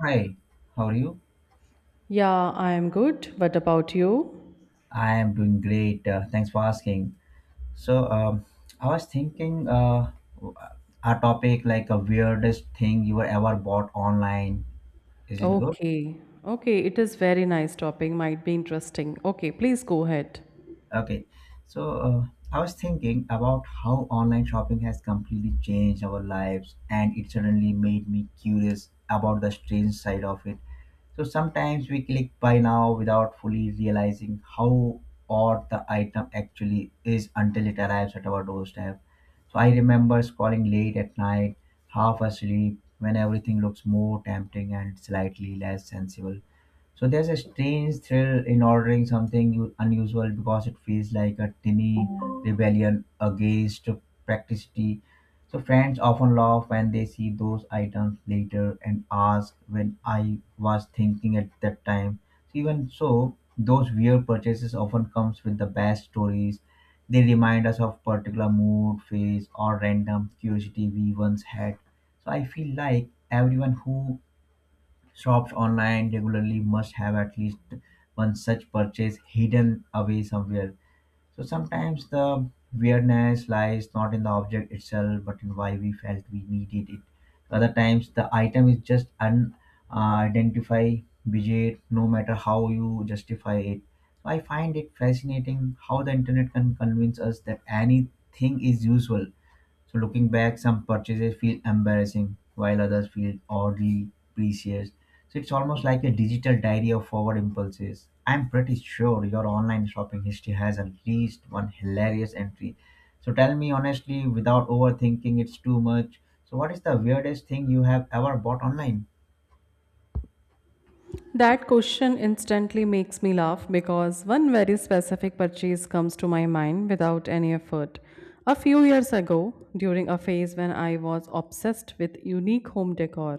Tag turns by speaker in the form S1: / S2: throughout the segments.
S1: Hi, how are you?
S2: Yeah, I am good. What about you?
S1: I am doing great. Thanks for asking. So, um, I was thinking a topic like a weirdest thing you were ever bought online. Is it good?
S2: Okay. Okay, it is very nice topic. Might be interesting. Okay, please go ahead.
S1: Okay. So, I was thinking about how online shopping has completely changed our lives, and it suddenly made me curious about the strange side of it. So sometimes we click buy now without fully realizing how odd the item actually is until it arrives at our doorstep. So I remember scrolling late at night, half asleep, when everything looks more tempting and slightly less sensible. So there's a strange thrill in ordering something unusual because it feels like a tiny rebellion against practicity. So friends often laugh when they see those items later and ask when I was thinking at that time. So even so, those weird purchases often comes with the best stories. They remind us of particular mood, phase, or random curiosity we once had. So I feel like everyone who shops online regularly must have at least one such purchase hidden away somewhere. So sometimes the weirdness lies not in the object itself, but in why we felt we needed it. Other times the item is just unidentified widget, no matter how you justify it. So I find it fascinating how the internet can convince us that anything is useful. So looking back, some purchases feel embarrassing while others feel oddly precious. So it's almost like a digital diary of forward impulses. I'm pretty sure your online shopping history has at least one hilarious entry. So tell me honestly, without overthinking, it's too much. So what is the weirdest thing you have ever bought online?
S2: That question instantly makes me laugh because one very specific purchase comes to my mind without any effort. A few years ago, during a phase when I was obsessed with unique home decor,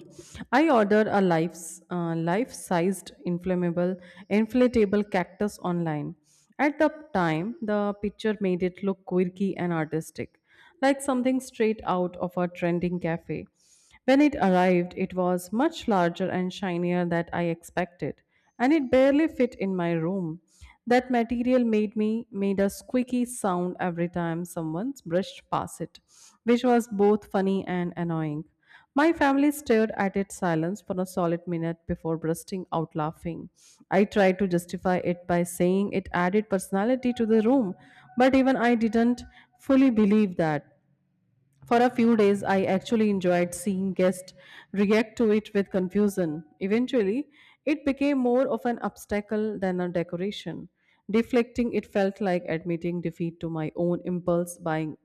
S2: I ordered a life-sized inflatable cactus online. At the time, the picture made it look quirky and artistic, like something straight out of a trending cafe. When it arrived, it was much larger and shinier than I expected, and it barely fit in my room. That material made me made a squeaky sound every time someone brushed past it, which was both funny and annoying. My family stared at it silence for a solid minute before bursting out laughing. I tried to justify it by saying it added personality to the room, but even I didn't fully believe that. For a few days, I actually enjoyed seeing guests react to it with confusion. Eventually, it became more of an obstacle than a decoration. Deflecting it felt like admitting defeat to my own impulse buying.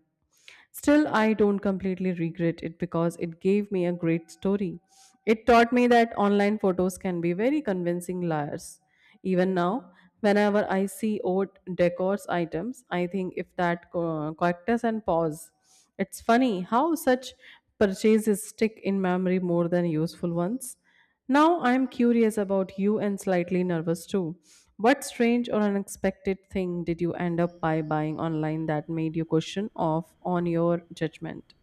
S2: Still, I don't completely regret it because it gave me a great story. It taught me that online photos can be very convincing liars. Even now, whenever I see old decor items, I think if that cactus and pause. It's funny how such purchases stick in memory more than useful ones. Now I am curious about you and slightly nervous too. What strange or unexpected thing did you end up by buying online that made you question off on your judgment?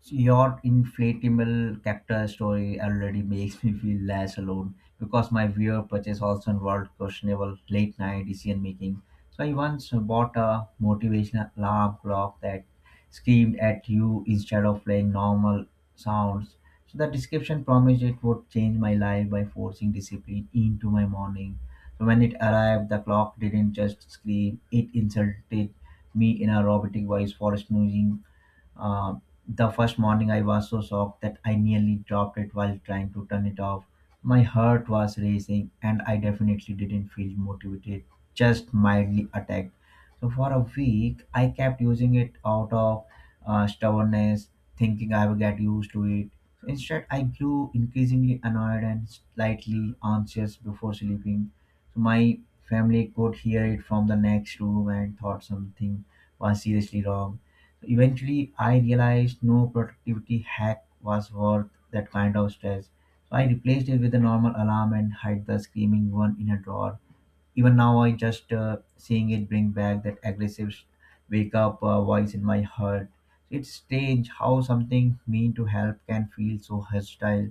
S1: So your inflatable cactus story already makes me feel less alone because my weird purchase also involved questionable late night decision making. So I once bought a motivational alarm clock that screamed at you instead of playing normal sounds. So the description promised it would change my life by forcing discipline into my morning. So when it arrived, the clock didn't just scream, it insulted me in a robotic voice for snoozing. Uh, the first morning, I was so shocked that I nearly dropped it while trying to turn it off. My heart was racing, and I definitely didn't feel motivated, just mildly attacked. So, for a week, I kept using it out of stubbornness, thinking I would get used to it. So instead, I grew increasingly annoyed and slightly anxious before sleeping. So my family could hear it from the next room and thought something was seriously wrong. Eventually, I realized no productivity hack was worth that kind of stress. So I replaced it with a normal alarm and hid the screaming one in a drawer. Even now I just seeing it bring back that aggressive wake up voice in my heart. It's strange how something mean to help can feel so hostile.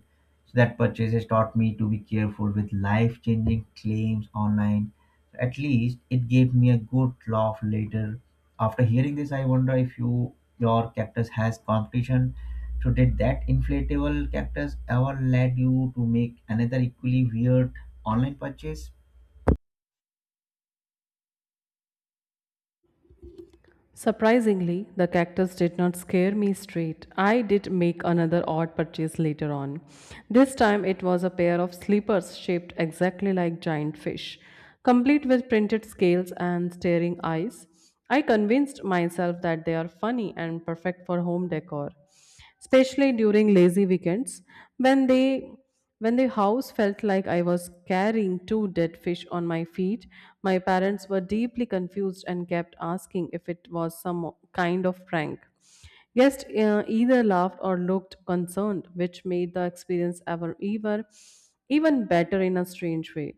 S1: So that purchase has taught me to be careful with life changing claims online. At least it gave me a good laugh later. After hearing this, I wonder if your cactus has competition. So did that inflatable cactus ever led you to make another equally weird online purchase?
S2: Surprisingly, the cactus did not scare me straight. I did make another odd purchase later on. This time it was a pair of slippers shaped exactly like giant fish, complete with printed scales and staring eyes. I convinced myself that they are funny and perfect for home decor, especially during lazy weekends when they when the house felt like I was carrying two dead fish on my feet. My parents were deeply confused and kept asking if it was some kind of prank. Guests either laughed or looked concerned, which made the experience ever ever even better in a strange way.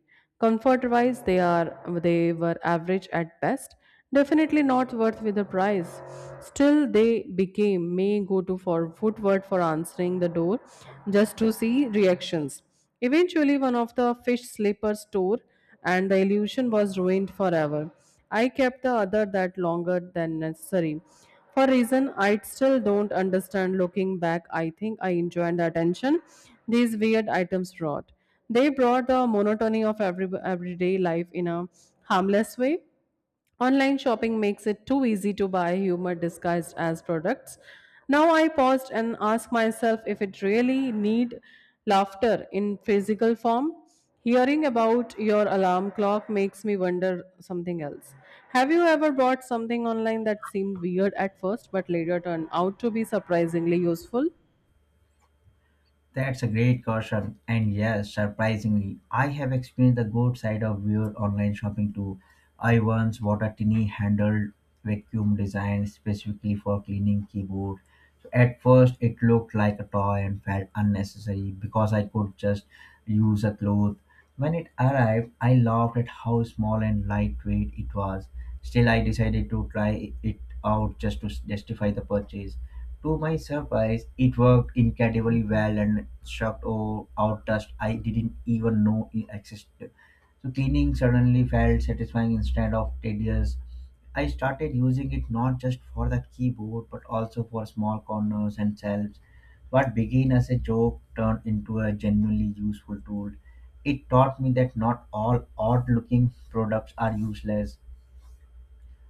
S2: Comfort wise, they were average at best. Definitely not worth with a price. Still, they became may go to for footwork for answering the door just to see reactions. Eventually, one of the fish slippers tore, and the illusion was ruined forever. I kept the other that longer than necessary. For reason I still don't understand looking back, I think I enjoyed the attention these weird items brought. They brought the monotony of everyday life in a harmless way. Online shopping makes it too easy to buy humor disguised as products. Now I paused and asked myself if it really need laughter in physical form. Hearing about your alarm clock makes me wonder something else. Have you ever bought something online that seemed weird at first but later turned out to be surprisingly useful?
S1: That's a great caution. And yes, surprisingly, I have experienced the good side of weird online shopping too. I once bought a tiny handled vacuum designed specifically for cleaning keyboard. So at first, it looked like a toy and felt unnecessary because I could just use a cloth. When it arrived, I laughed at how small and lightweight it was. Still, I decided to try it out just to justify the purchase. To my surprise, it worked incredibly well and shocked all out dust I didn't even know it existed. So cleaning suddenly felt satisfying instead of tedious. I started using it not just for the keyboard but also for small corners and shelves. What began as a joke turned into a genuinely useful tool. It taught me that not all odd looking products are useless.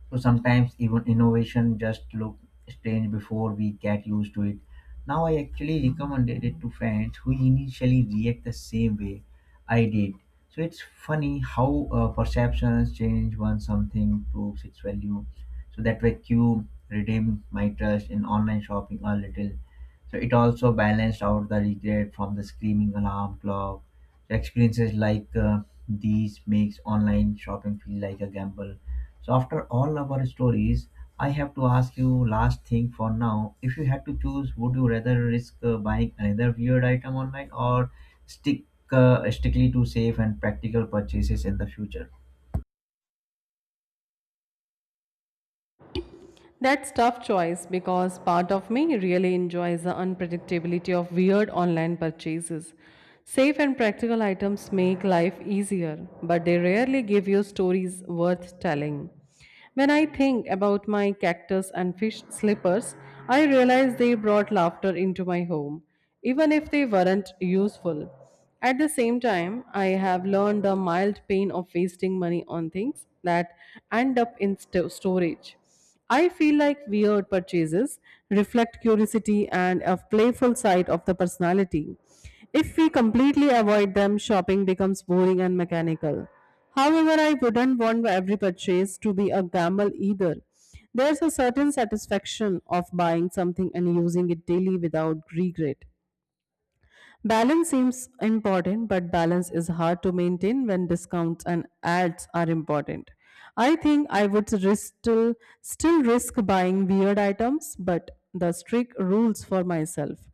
S1: So sometimes even innovation just look strange before we get used to it. Now I actually recommended it to friends who initially react the same way I did. So it's funny how perceptions change once something proves its value. So that vacuum redeemed my trust in online shopping a little. So it also balanced out the regret from the screaming alarm clock. So experiences like these makes online shopping feel like a gamble. So after all our stories, I have to ask you last thing for now. If you had to choose, would you rather risk buying another weird item online or stick strictly to safe and practical purchases in the future?
S2: That's tough choice because part of me really enjoys the unpredictability of weird online purchases. Safe and practical items make life easier, but they rarely give you stories worth telling. When I think about my cactus and fish slippers, I realize they brought laughter into my home, even if they weren't useful. At the same time, I have learned the mild pain of wasting money on things that end up in storage. I feel like weird purchases reflect curiosity and a playful side of the personality. If we completely avoid them, shopping becomes boring and mechanical. However, I wouldn't want every purchase to be a gamble either. There's a certain satisfaction of buying something and using it daily without regret. Balance seems important, but balance is hard to maintain when discounts and ads are important. I think I would risk still risk buying weird items, but the strict rules for myself.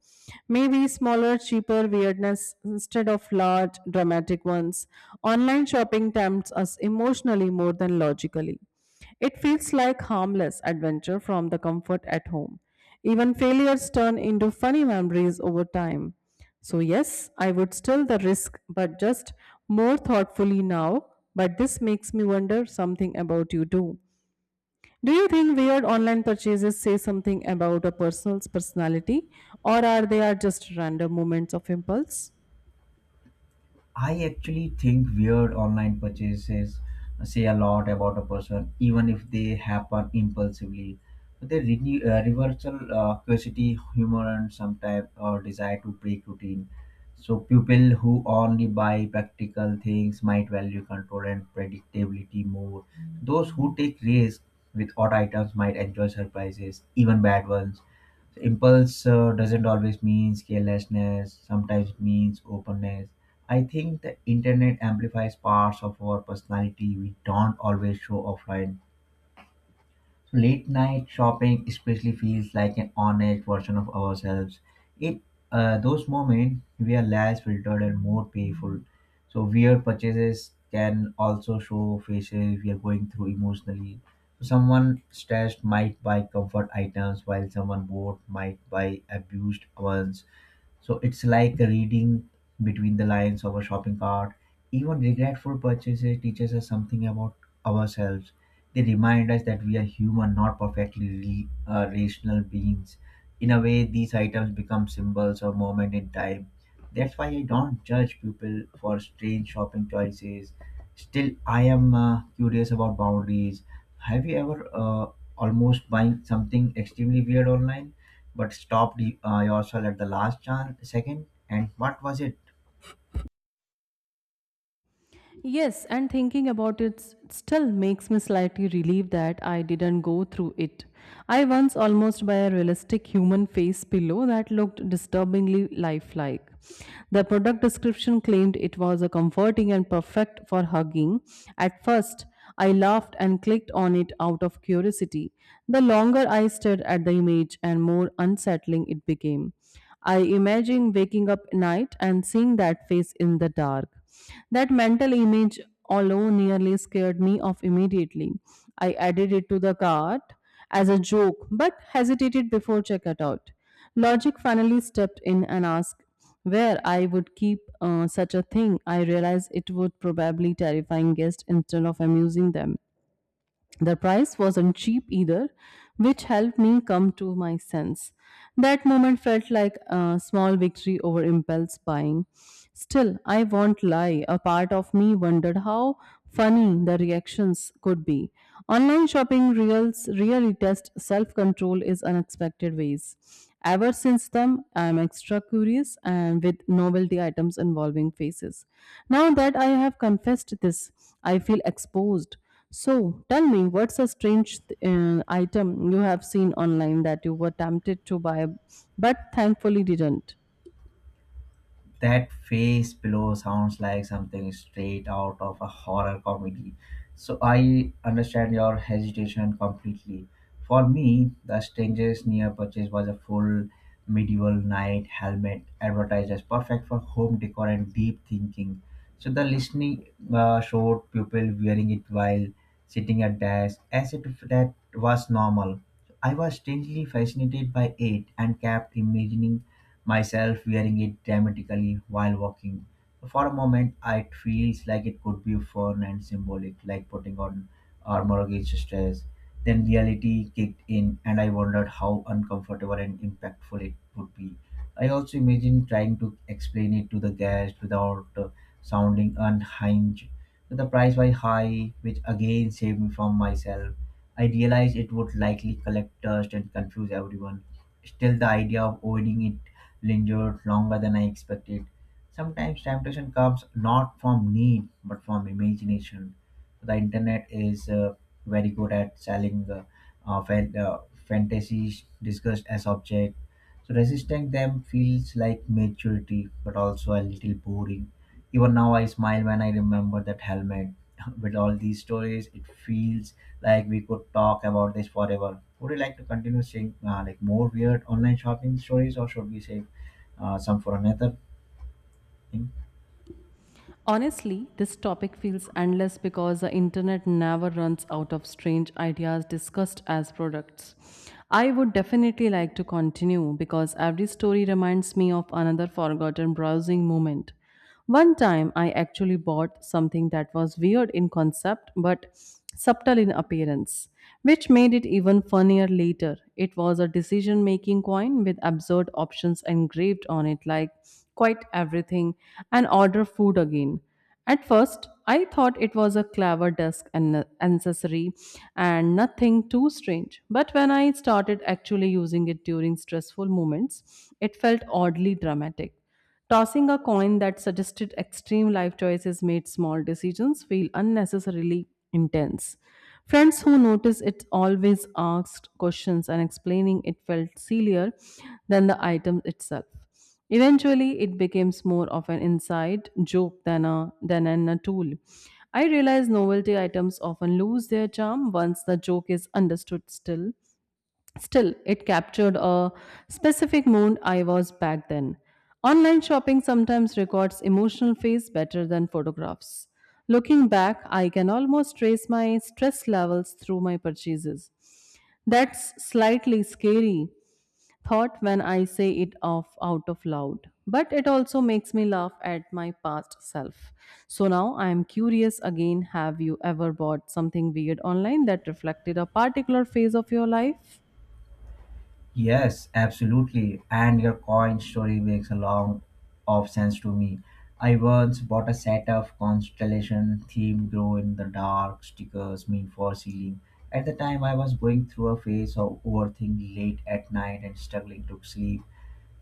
S2: Maybe smaller, cheaper weirdness instead of large, dramatic ones. Online shopping tempts us emotionally more than logically. It feels like harmless adventure from the comfort at home. Even failures turn into funny memories over time. So, yes, I would still the risk, but just more thoughtfully now. But this makes me wonder something about you too. Do you think weird online purchases say something about a person's personality, or are they are just random moments of impulse?
S1: I actually think weird online purchases say a lot about a person, even if they happen impulsively. They renew, reversal curiosity, humor, and sometimes or desire to break routine. So people who only buy practical things might value control and predictability more. Those who take risks with odd items might enjoy surprises, even bad ones. Impulse doesn't always mean carelessness. Sometimes it means openness. I think the internet amplifies parts of our personality we don't always show offline. So late night shopping especially feels like an honest version of ourselves. It uh, those moments we are less filtered and more playful. So weird purchases can also show faces we are going through emotionally. So someone stressed might buy comfort items while someone bored might buy abused ones. So it's like reading between the lines of a shopping cart. Even regretful purchases teaches us something about ourselves. They remind us that we are human, not perfectly rational beings. In a way, these items become symbols or moment in time. That's why I don't judge people for strange shopping choices. Still, I am curious about boundaries. Have you ever almost buying something extremely weird online? But stopped yourself at the last second. And what was it?
S2: Yes, and thinking about it still makes me slightly relieved that I didn't go through it. I once almost buy a realistic human face pillow that looked disturbingly lifelike. The product description claimed it was a comforting and perfect for hugging. At first, I laughed and clicked on it out of curiosity. The longer I stared at the image and more unsettling it became. I imagine waking up at night and seeing that face in the dark. That mental image alone nearly scared me off immediately. I added it to the cart as a joke but hesitated before checkout out. Logic finally stepped in and asked where I would keep such a thing. I realized it would probably terrifying guests instead of amusing them. The price wasn't cheap either, which helped me come to my sense. That moment felt like a small victory over impulse buying. Still, I won't lie, a part of me wondered how funny the reactions could be. Online shopping reels really tests self control in unexpected ways. Ever since then, I am extra curious and with novelty items involving faces. Now that I have confessed this, I feel exposed. So tell me, what's a strange item you have seen online that you were tempted to buy but thankfully didn't?
S1: That face below sounds like something straight out of a horror comedy. So I understand your hesitation completely. For me, the strangest near purchase was a full medieval knight helmet advertised as perfect for home decor and deep thinking. So the listening showed people wearing it while sitting at desk as if that was normal. I was strangely fascinated by it and kept imagining myself wearing it dramatically while walking. For a moment, it feels like it could be fun and symbolic, like putting on armor against stress. Then reality kicked in, and I wondered how uncomfortable and impactful it would be. I also imagined trying to explain it to the guest without sounding unhinged. The price was high, which again saved me from myself. I realized it would likely collect dust and confuse everyone. Still, the idea of owning it lingered longer than I expected. Sometimes temptation comes not from need but from imagination. The internet is very good at selling uh, fan- uh, fantasies discussed as object. So resisting them feels like maturity but also a little boring. Even now I smile when I remember that helmet with all these stories, it feels like we could talk about this forever. Would you like to continue saying, like more weird online shopping stories, or should we save some for another thing?
S2: Honestly, this topic feels endless because the internet never runs out of strange ideas discussed as products. I would definitely like to continue because every story reminds me of another forgotten browsing moment. One time I actually bought something that was weird in concept but subtle in appearance, which made it even funnier later. It was a decision making coin with absurd options engraved on it, like quite everything and order food again. At first, I thought it was a clever desk and accessory and nothing too strange. But when I started actually using it during stressful moments, it felt oddly dramatic. Tossing a coin that suggested extreme life choices made small decisions feel unnecessarily intense. Friends who noticed it always asked questions and explaining it felt sillier than the item itself. Eventually, it becomes more of an inside joke than a tool. I realize novelty items often lose their charm once the joke is understood still. Still, it captured a specific mood I was back then. Online shopping sometimes records emotional phase better than photographs. Looking back, I can almost trace my stress levels through my purchases. That's slightly scary thought when I say it off out of loud, but it also makes me laugh at my past self. So now I am curious again, have you ever bought something weird online that reflected a particular phase of your life?
S1: Yes, absolutely. And your coin story makes a long of sense to me. I once bought a set of constellation themed glow in the dark stickers mean for ceiling. At the time I was going through a phase of overthinking late at night and struggling to sleep.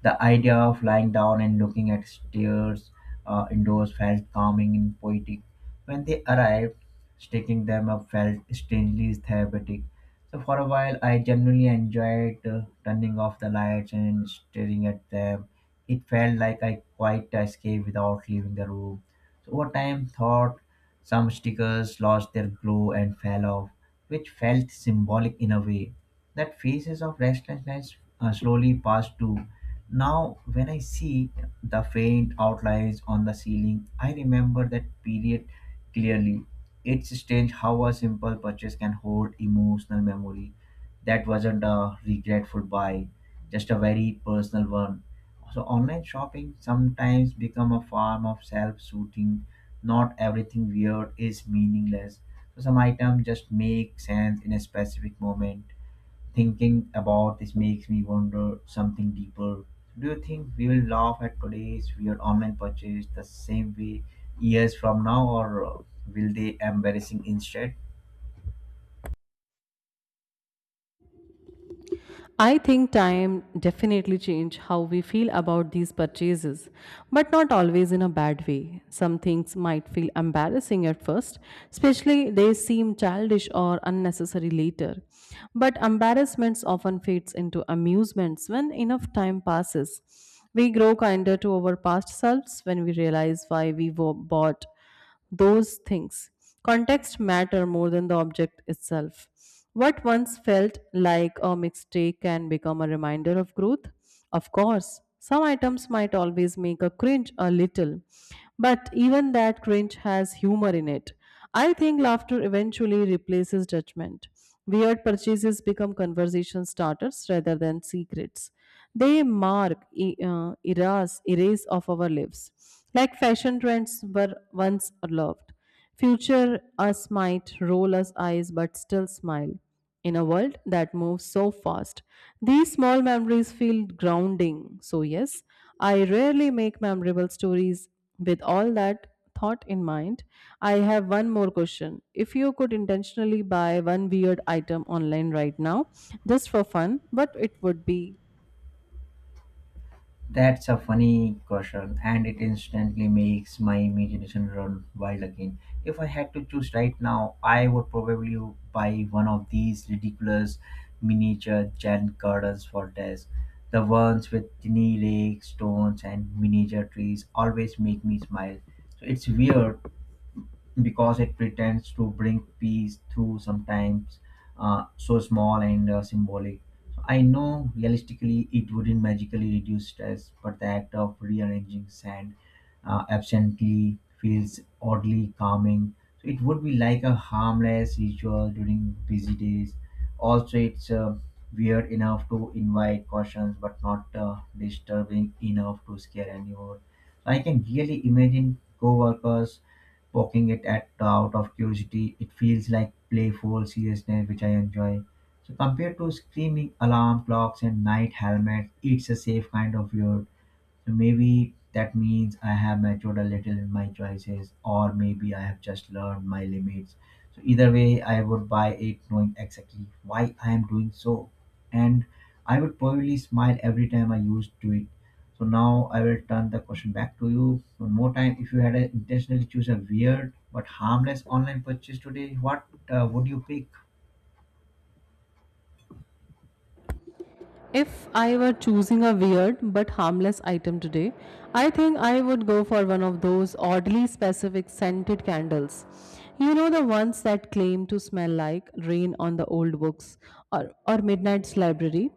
S1: The idea of lying down and looking at stairs indoors felt calming and poetic. When they arrived, sticking them up felt strangely therapeutic. So for a while, I genuinely enjoyed turning off the lights and staring at them. It felt like I quite escaped without leaving the room. So over time, thought some stickers lost their glow and fell off, which felt symbolic in a way. That phases of restlessness slowly passed too. Now, when I see the faint outlines on the ceiling, I remember that period clearly. It's strange how a simple purchase can hold emotional memory. That wasn't a regretful buy, just a very personal one. So online shopping sometimes become a form of self-soothing. Not everything weird is meaningless. So some items just make sense in a specific moment. Thinking about this makes me wonder something deeper. Do you think we will laugh at today's weird online purchase the same way years from now, or will they embarrassing instead?
S2: I think time definitely change how we feel about these purchases, but not always in a bad way. Some things might feel embarrassing at first, especially they seem childish or unnecessary later. But embarrassments often fades into amusements when enough time passes. We grow kinder to our past selves when we realize why we bought those things. Context matter more than the object itself. What once felt like a mistake can become a reminder of growth. Of course, some items might always make a cringe a little, but even that cringe has humor in it. I think laughter eventually replaces judgment. Weird purchases become conversation starters rather than secrets. They mark eras of our lives. Like fashion trends were once loved. Future us might roll us eyes but still smile in a world that moves so fast. These small memories feel grounding. So, yes, I rarely make memorable stories with all that thought in mind. I have one more question. If you could intentionally buy one weird item online right now, just for fun, what it would be?
S1: That's a funny question, and it instantly makes my imagination run wild again. If I had to choose right now, I would probably buy one of these ridiculous miniature giant gardens for desk. The ones with tiny lakes, stones, and miniature trees always make me smile. So it's weird because it pretends to bring peace through sometimes so small and symbolic. So I know realistically it wouldn't magically reduce stress, but the act of rearranging sand absently feels oddly calming. So it would be like a harmless ritual during busy days. Also, it's weird enough to invite cautions, but not disturbing enough to scare anyone. I can really imagine co-workers poking it at out of curiosity. It feels like playful seriousness, which I enjoy. So compared to screaming alarm clocks and night helmets, it's a safe kind of weird. So maybe that means I have matured a little in my choices, or maybe I have just learned my limits. So either way, I would buy it knowing exactly why I am doing so. And I would probably smile every time I used to it. So now I will turn the question back to you one more time. If you had intentionally choose a weird but harmless online purchase today, what would you pick?
S2: If I were choosing a weird but harmless item today, I think I would go for one of those oddly specific scented candles. You know, the ones that claim to smell like rain on the old books or midnight's library.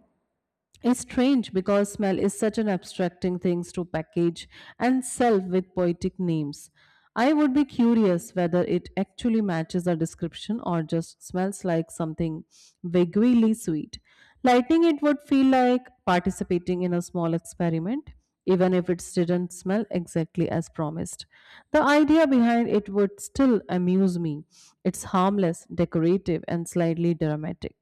S2: It's strange because smell is such an abstracting thing to package and sell with poetic names. I would be curious whether it actually matches a description or just smells like something vaguely sweet. Lighting it would feel like participating in a small experiment even if it didn't smell exactly as promised. The idea behind it would still amuse me. It's harmless, decorative, and slightly dramatic,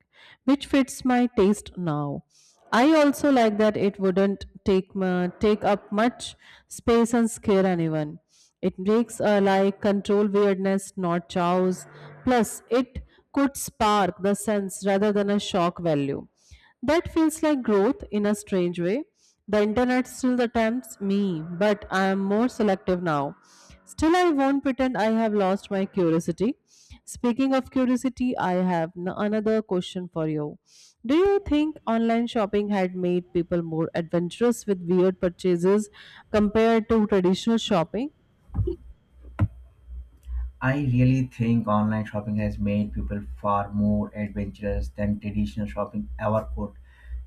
S2: which fits my taste now. I also like that it wouldn't take up much space and scare anyone. It makes a like control weirdness, not chows. Plus, it could spark the sense rather than a shock value. That feels like growth in a strange way. The internet still attempts me, but I am more selective now. Still, I won't pretend I have lost my curiosity. Speaking of curiosity, I have another question for you. Do you think online shopping had made people more adventurous with weird purchases compared to traditional shopping?
S1: I really think online shopping has made people far more adventurous than traditional shopping ever could.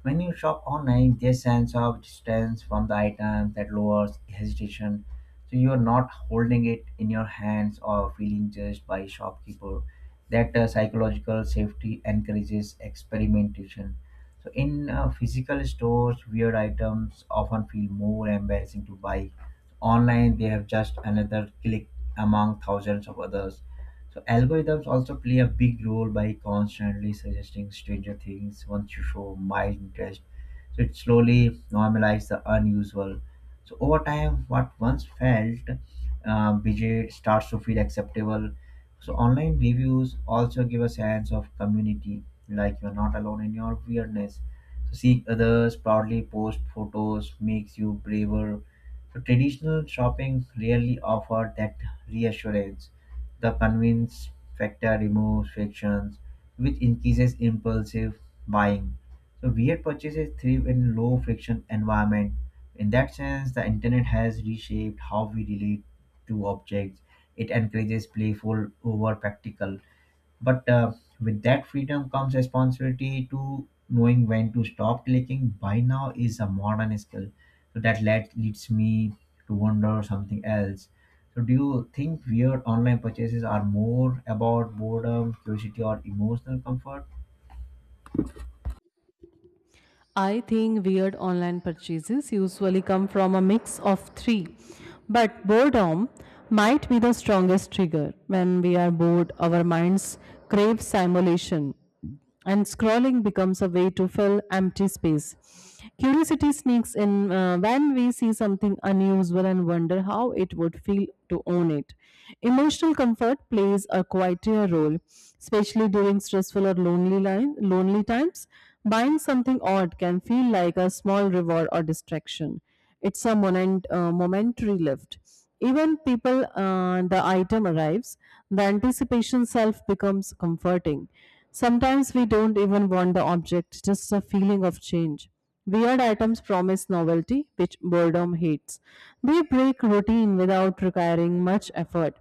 S1: When you shop online, there's sense of distance from the item that lowers hesitation. So you're not holding it in your hands or feeling judged by shopkeeper. That psychological safety encourages experimentation. So in physical stores, weird items often feel more embarrassing to buy. Online, they have just another click among thousands of others. So algorithms also play a big role by constantly suggesting stranger things once you show mild interest. So it slowly normalizes the unusual. So over time, what once felt budget starts to feel acceptable. So online reviews also give a sense of community, like you're not alone in your weirdness. So seeing others proudly post photos makes you braver, so traditional shopping rarely offered that reassurance. The convenience factor removes frictions, which increases impulsive buying. So weird purchases thrive in low friction environment. In that sense, the internet has reshaped how we relate to objects. It encourages playful over practical, but with that freedom comes responsibility to knowing when to stop clicking. Buy now is a modern skill. So leads me to wonder something else. So do you think weird online purchases are more about boredom, curiosity, or emotional comfort?
S2: I think weird online purchases usually come from a mix of three, but boredom might be the strongest trigger. When we are bored, our minds crave simulation, and scrolling becomes a way to fill empty space. Curiosity sneaks in when we see something unusual and wonder how it would feel to own it. Emotional comfort plays a quieter role, especially during stressful or lonely times. Buying something odd can feel like a small reward or distraction. It's a momentary lift. Even people, the item arrives, the anticipation self becomes comforting. Sometimes we don't even want the object, just a feeling of change. Weird items promise novelty, which boredom hates. They break routine without requiring much effort.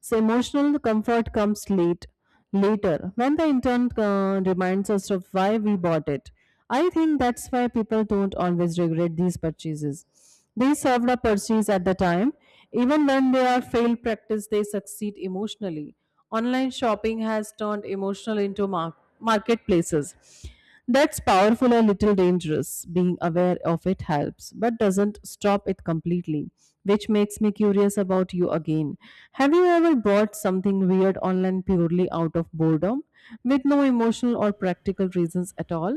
S2: So, emotional comfort comes late later when the intern reminds us of why we bought it. I think that's why people don't always regret these purchases. They served a purchase at the time. Even when they are failed practice, they succeed emotionally. Online shopping has turned emotional into marketplaces. That's powerful and little dangerous. Being aware of it helps, but doesn't stop it completely, which makes me curious about you again. Have you ever bought something weird online purely out of boredom, with no emotional or practical reasons at all?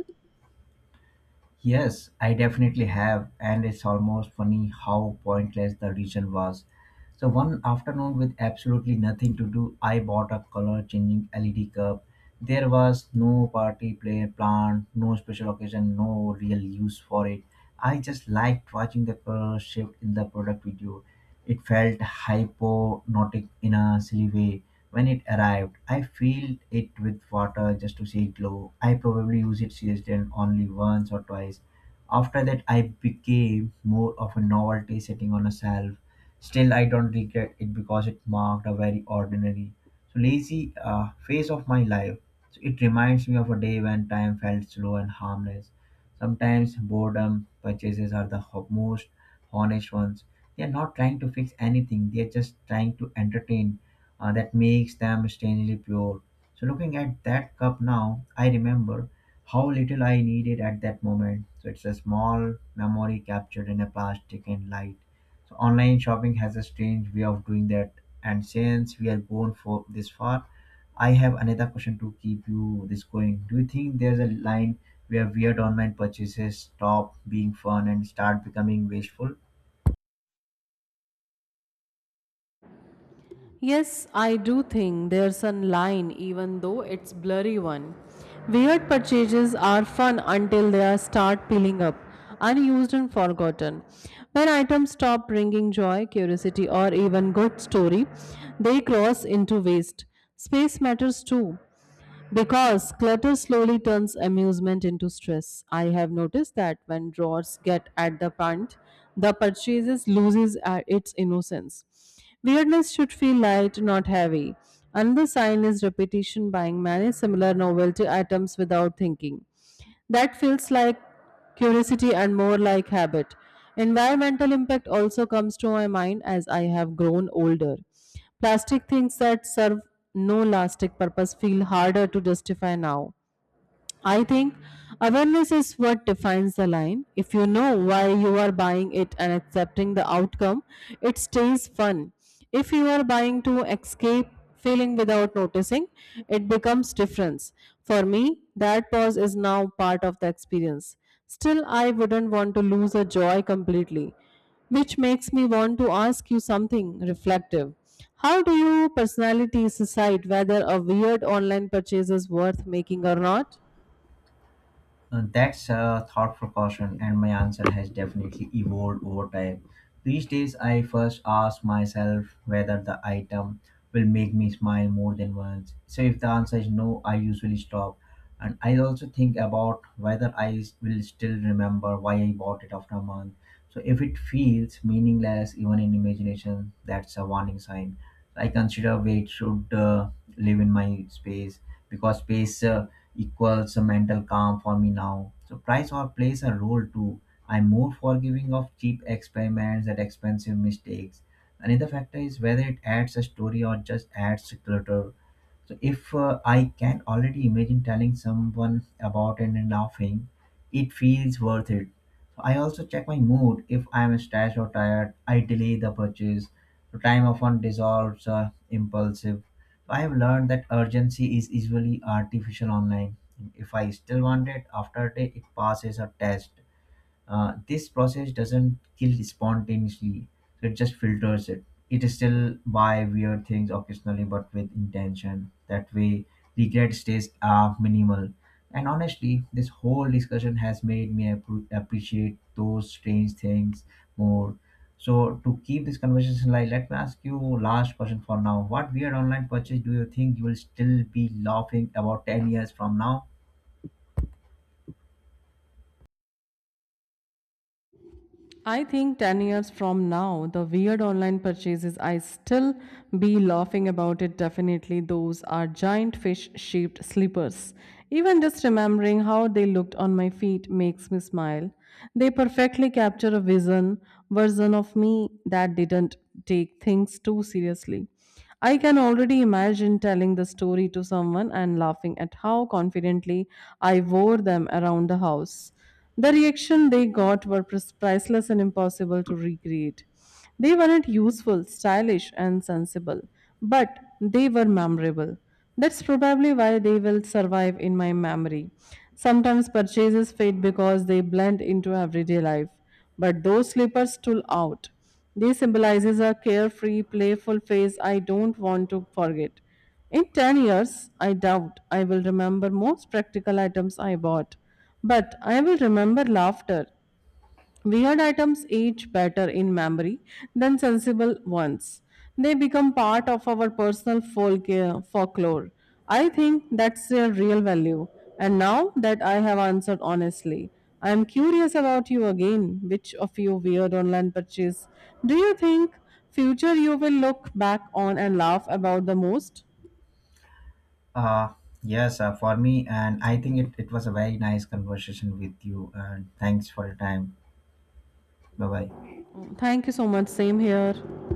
S1: Yes, I definitely have, and it's almost funny how pointless the reason was. So, one afternoon with absolutely nothing to do, I bought a color changing LED cup. There was no party play plan, no special occasion, no real use for it. I just liked watching the color shift in the product video. It felt hypnotic in a silly way. When it arrived, I filled it with water just to see it glow. I probably used it seriously and only once or twice. After that, I became more of a novelty sitting on a shelf. Still, I don't regret it because it marked a very ordinary, so lazy phase of my life. So it reminds me of a day when time felt slow and harmless. Sometimes boredom purchases are the most honest ones. They are not trying to fix anything, they are just trying to entertain. That makes them strangely pure. So looking at that cup now, I remember how little I needed at that moment. So it's a small memory captured in a plastic and light. So online shopping has a strange way of doing that. And since we are going for this far, I have another question to keep you this going. Do you think there's a line where weird online purchases stop being fun and start becoming wasteful?
S2: Yes, I do think there's a line, even though it's blurry one. Weird purchases are fun until they are start peeling up, unused and forgotten. When items stop bringing joy, curiosity, or even good story, they cross into waste. Space matters too. Because clutter slowly turns amusement into stress. I have noticed that when drawers get at the punt, the purchases loses its innocence. Weirdness should feel light, not heavy. Another sign is repetition buying many similar novelty items without thinking. That feels like curiosity and more like habit. Environmental impact also comes to my mind as I have grown older. Plastic things that serve no lasting purpose feel harder to justify now. I think awareness is what defines the line. If you know why you are buying it and accepting the outcome, it stays fun. If you are buying to escape feeling without noticing, it becomes difference. For me, that pause is now part of the experience. Still, I wouldn't want to lose a joy completely, which makes me want to ask you something reflective. How do you personalities decide whether a weird online purchase is worth making or not?
S1: That's a thought proportion, and my answer has definitely evolved over time. These days, I first ask myself whether the item will make me smile more than once. So, if the answer is no, I usually stop. And I also think about whether will still remember why I bought it after a month. So, if it feels meaningless, even in imagination, that's a warning sign. I consider where it should live in my space, because space equals a mental calm for me now. So price or plays a role too. I'm more forgiving of cheap experiments and expensive mistakes. Another factor is whether it adds a story or just adds clutter. So if I can already imagine telling someone about it and laughing, it feels worth it. So I also check my mood. If I am stressed or tired, I delay the purchase. So time often dissolves impulsive. So I have learned that urgency is usually artificial online. If I still want it after a day, it passes a test. This process doesn't kill spontaneously, so it just filters it. It is still buy weird things occasionally, but with intention. That way regret stays minimal. And honestly, this whole discussion has made me appreciate those strange things more. So to keep this conversation light, let me ask you last question for now. What weird online purchase do you think you will still be laughing about 10 years from now?
S2: I think 10 years from now, the weird online purchases, I still be laughing about it definitely. Those are giant fish shaped slippers. Even just remembering how they looked on my feet makes me smile. They perfectly capture a version of me that didn't take things too seriously. I can already imagine telling the story to someone and laughing at how confidently I wore them around the house. The reaction they got were priceless and impossible to recreate. They weren't useful, stylish, and sensible, but they were memorable. That's probably why they will survive in my memory. Sometimes purchases fade because they blend into everyday life but those slippers stood out. They symbolizes a carefree, playful phase I don't want to forget. In 10 years, I doubt I will remember most practical items I bought, but I will remember laughter, Weird items age better in memory than sensible ones. They become part of our personal folklore. I think that's their real value. And now that I have answered honestly, I am curious about you again. Which of you weird online purchase do you think future you will look back on and laugh about the most?
S1: Uh, yes, for me, and I think it was a very nice conversation with you. And thanks for your time. Bye bye.
S2: Thank you so much. Same here.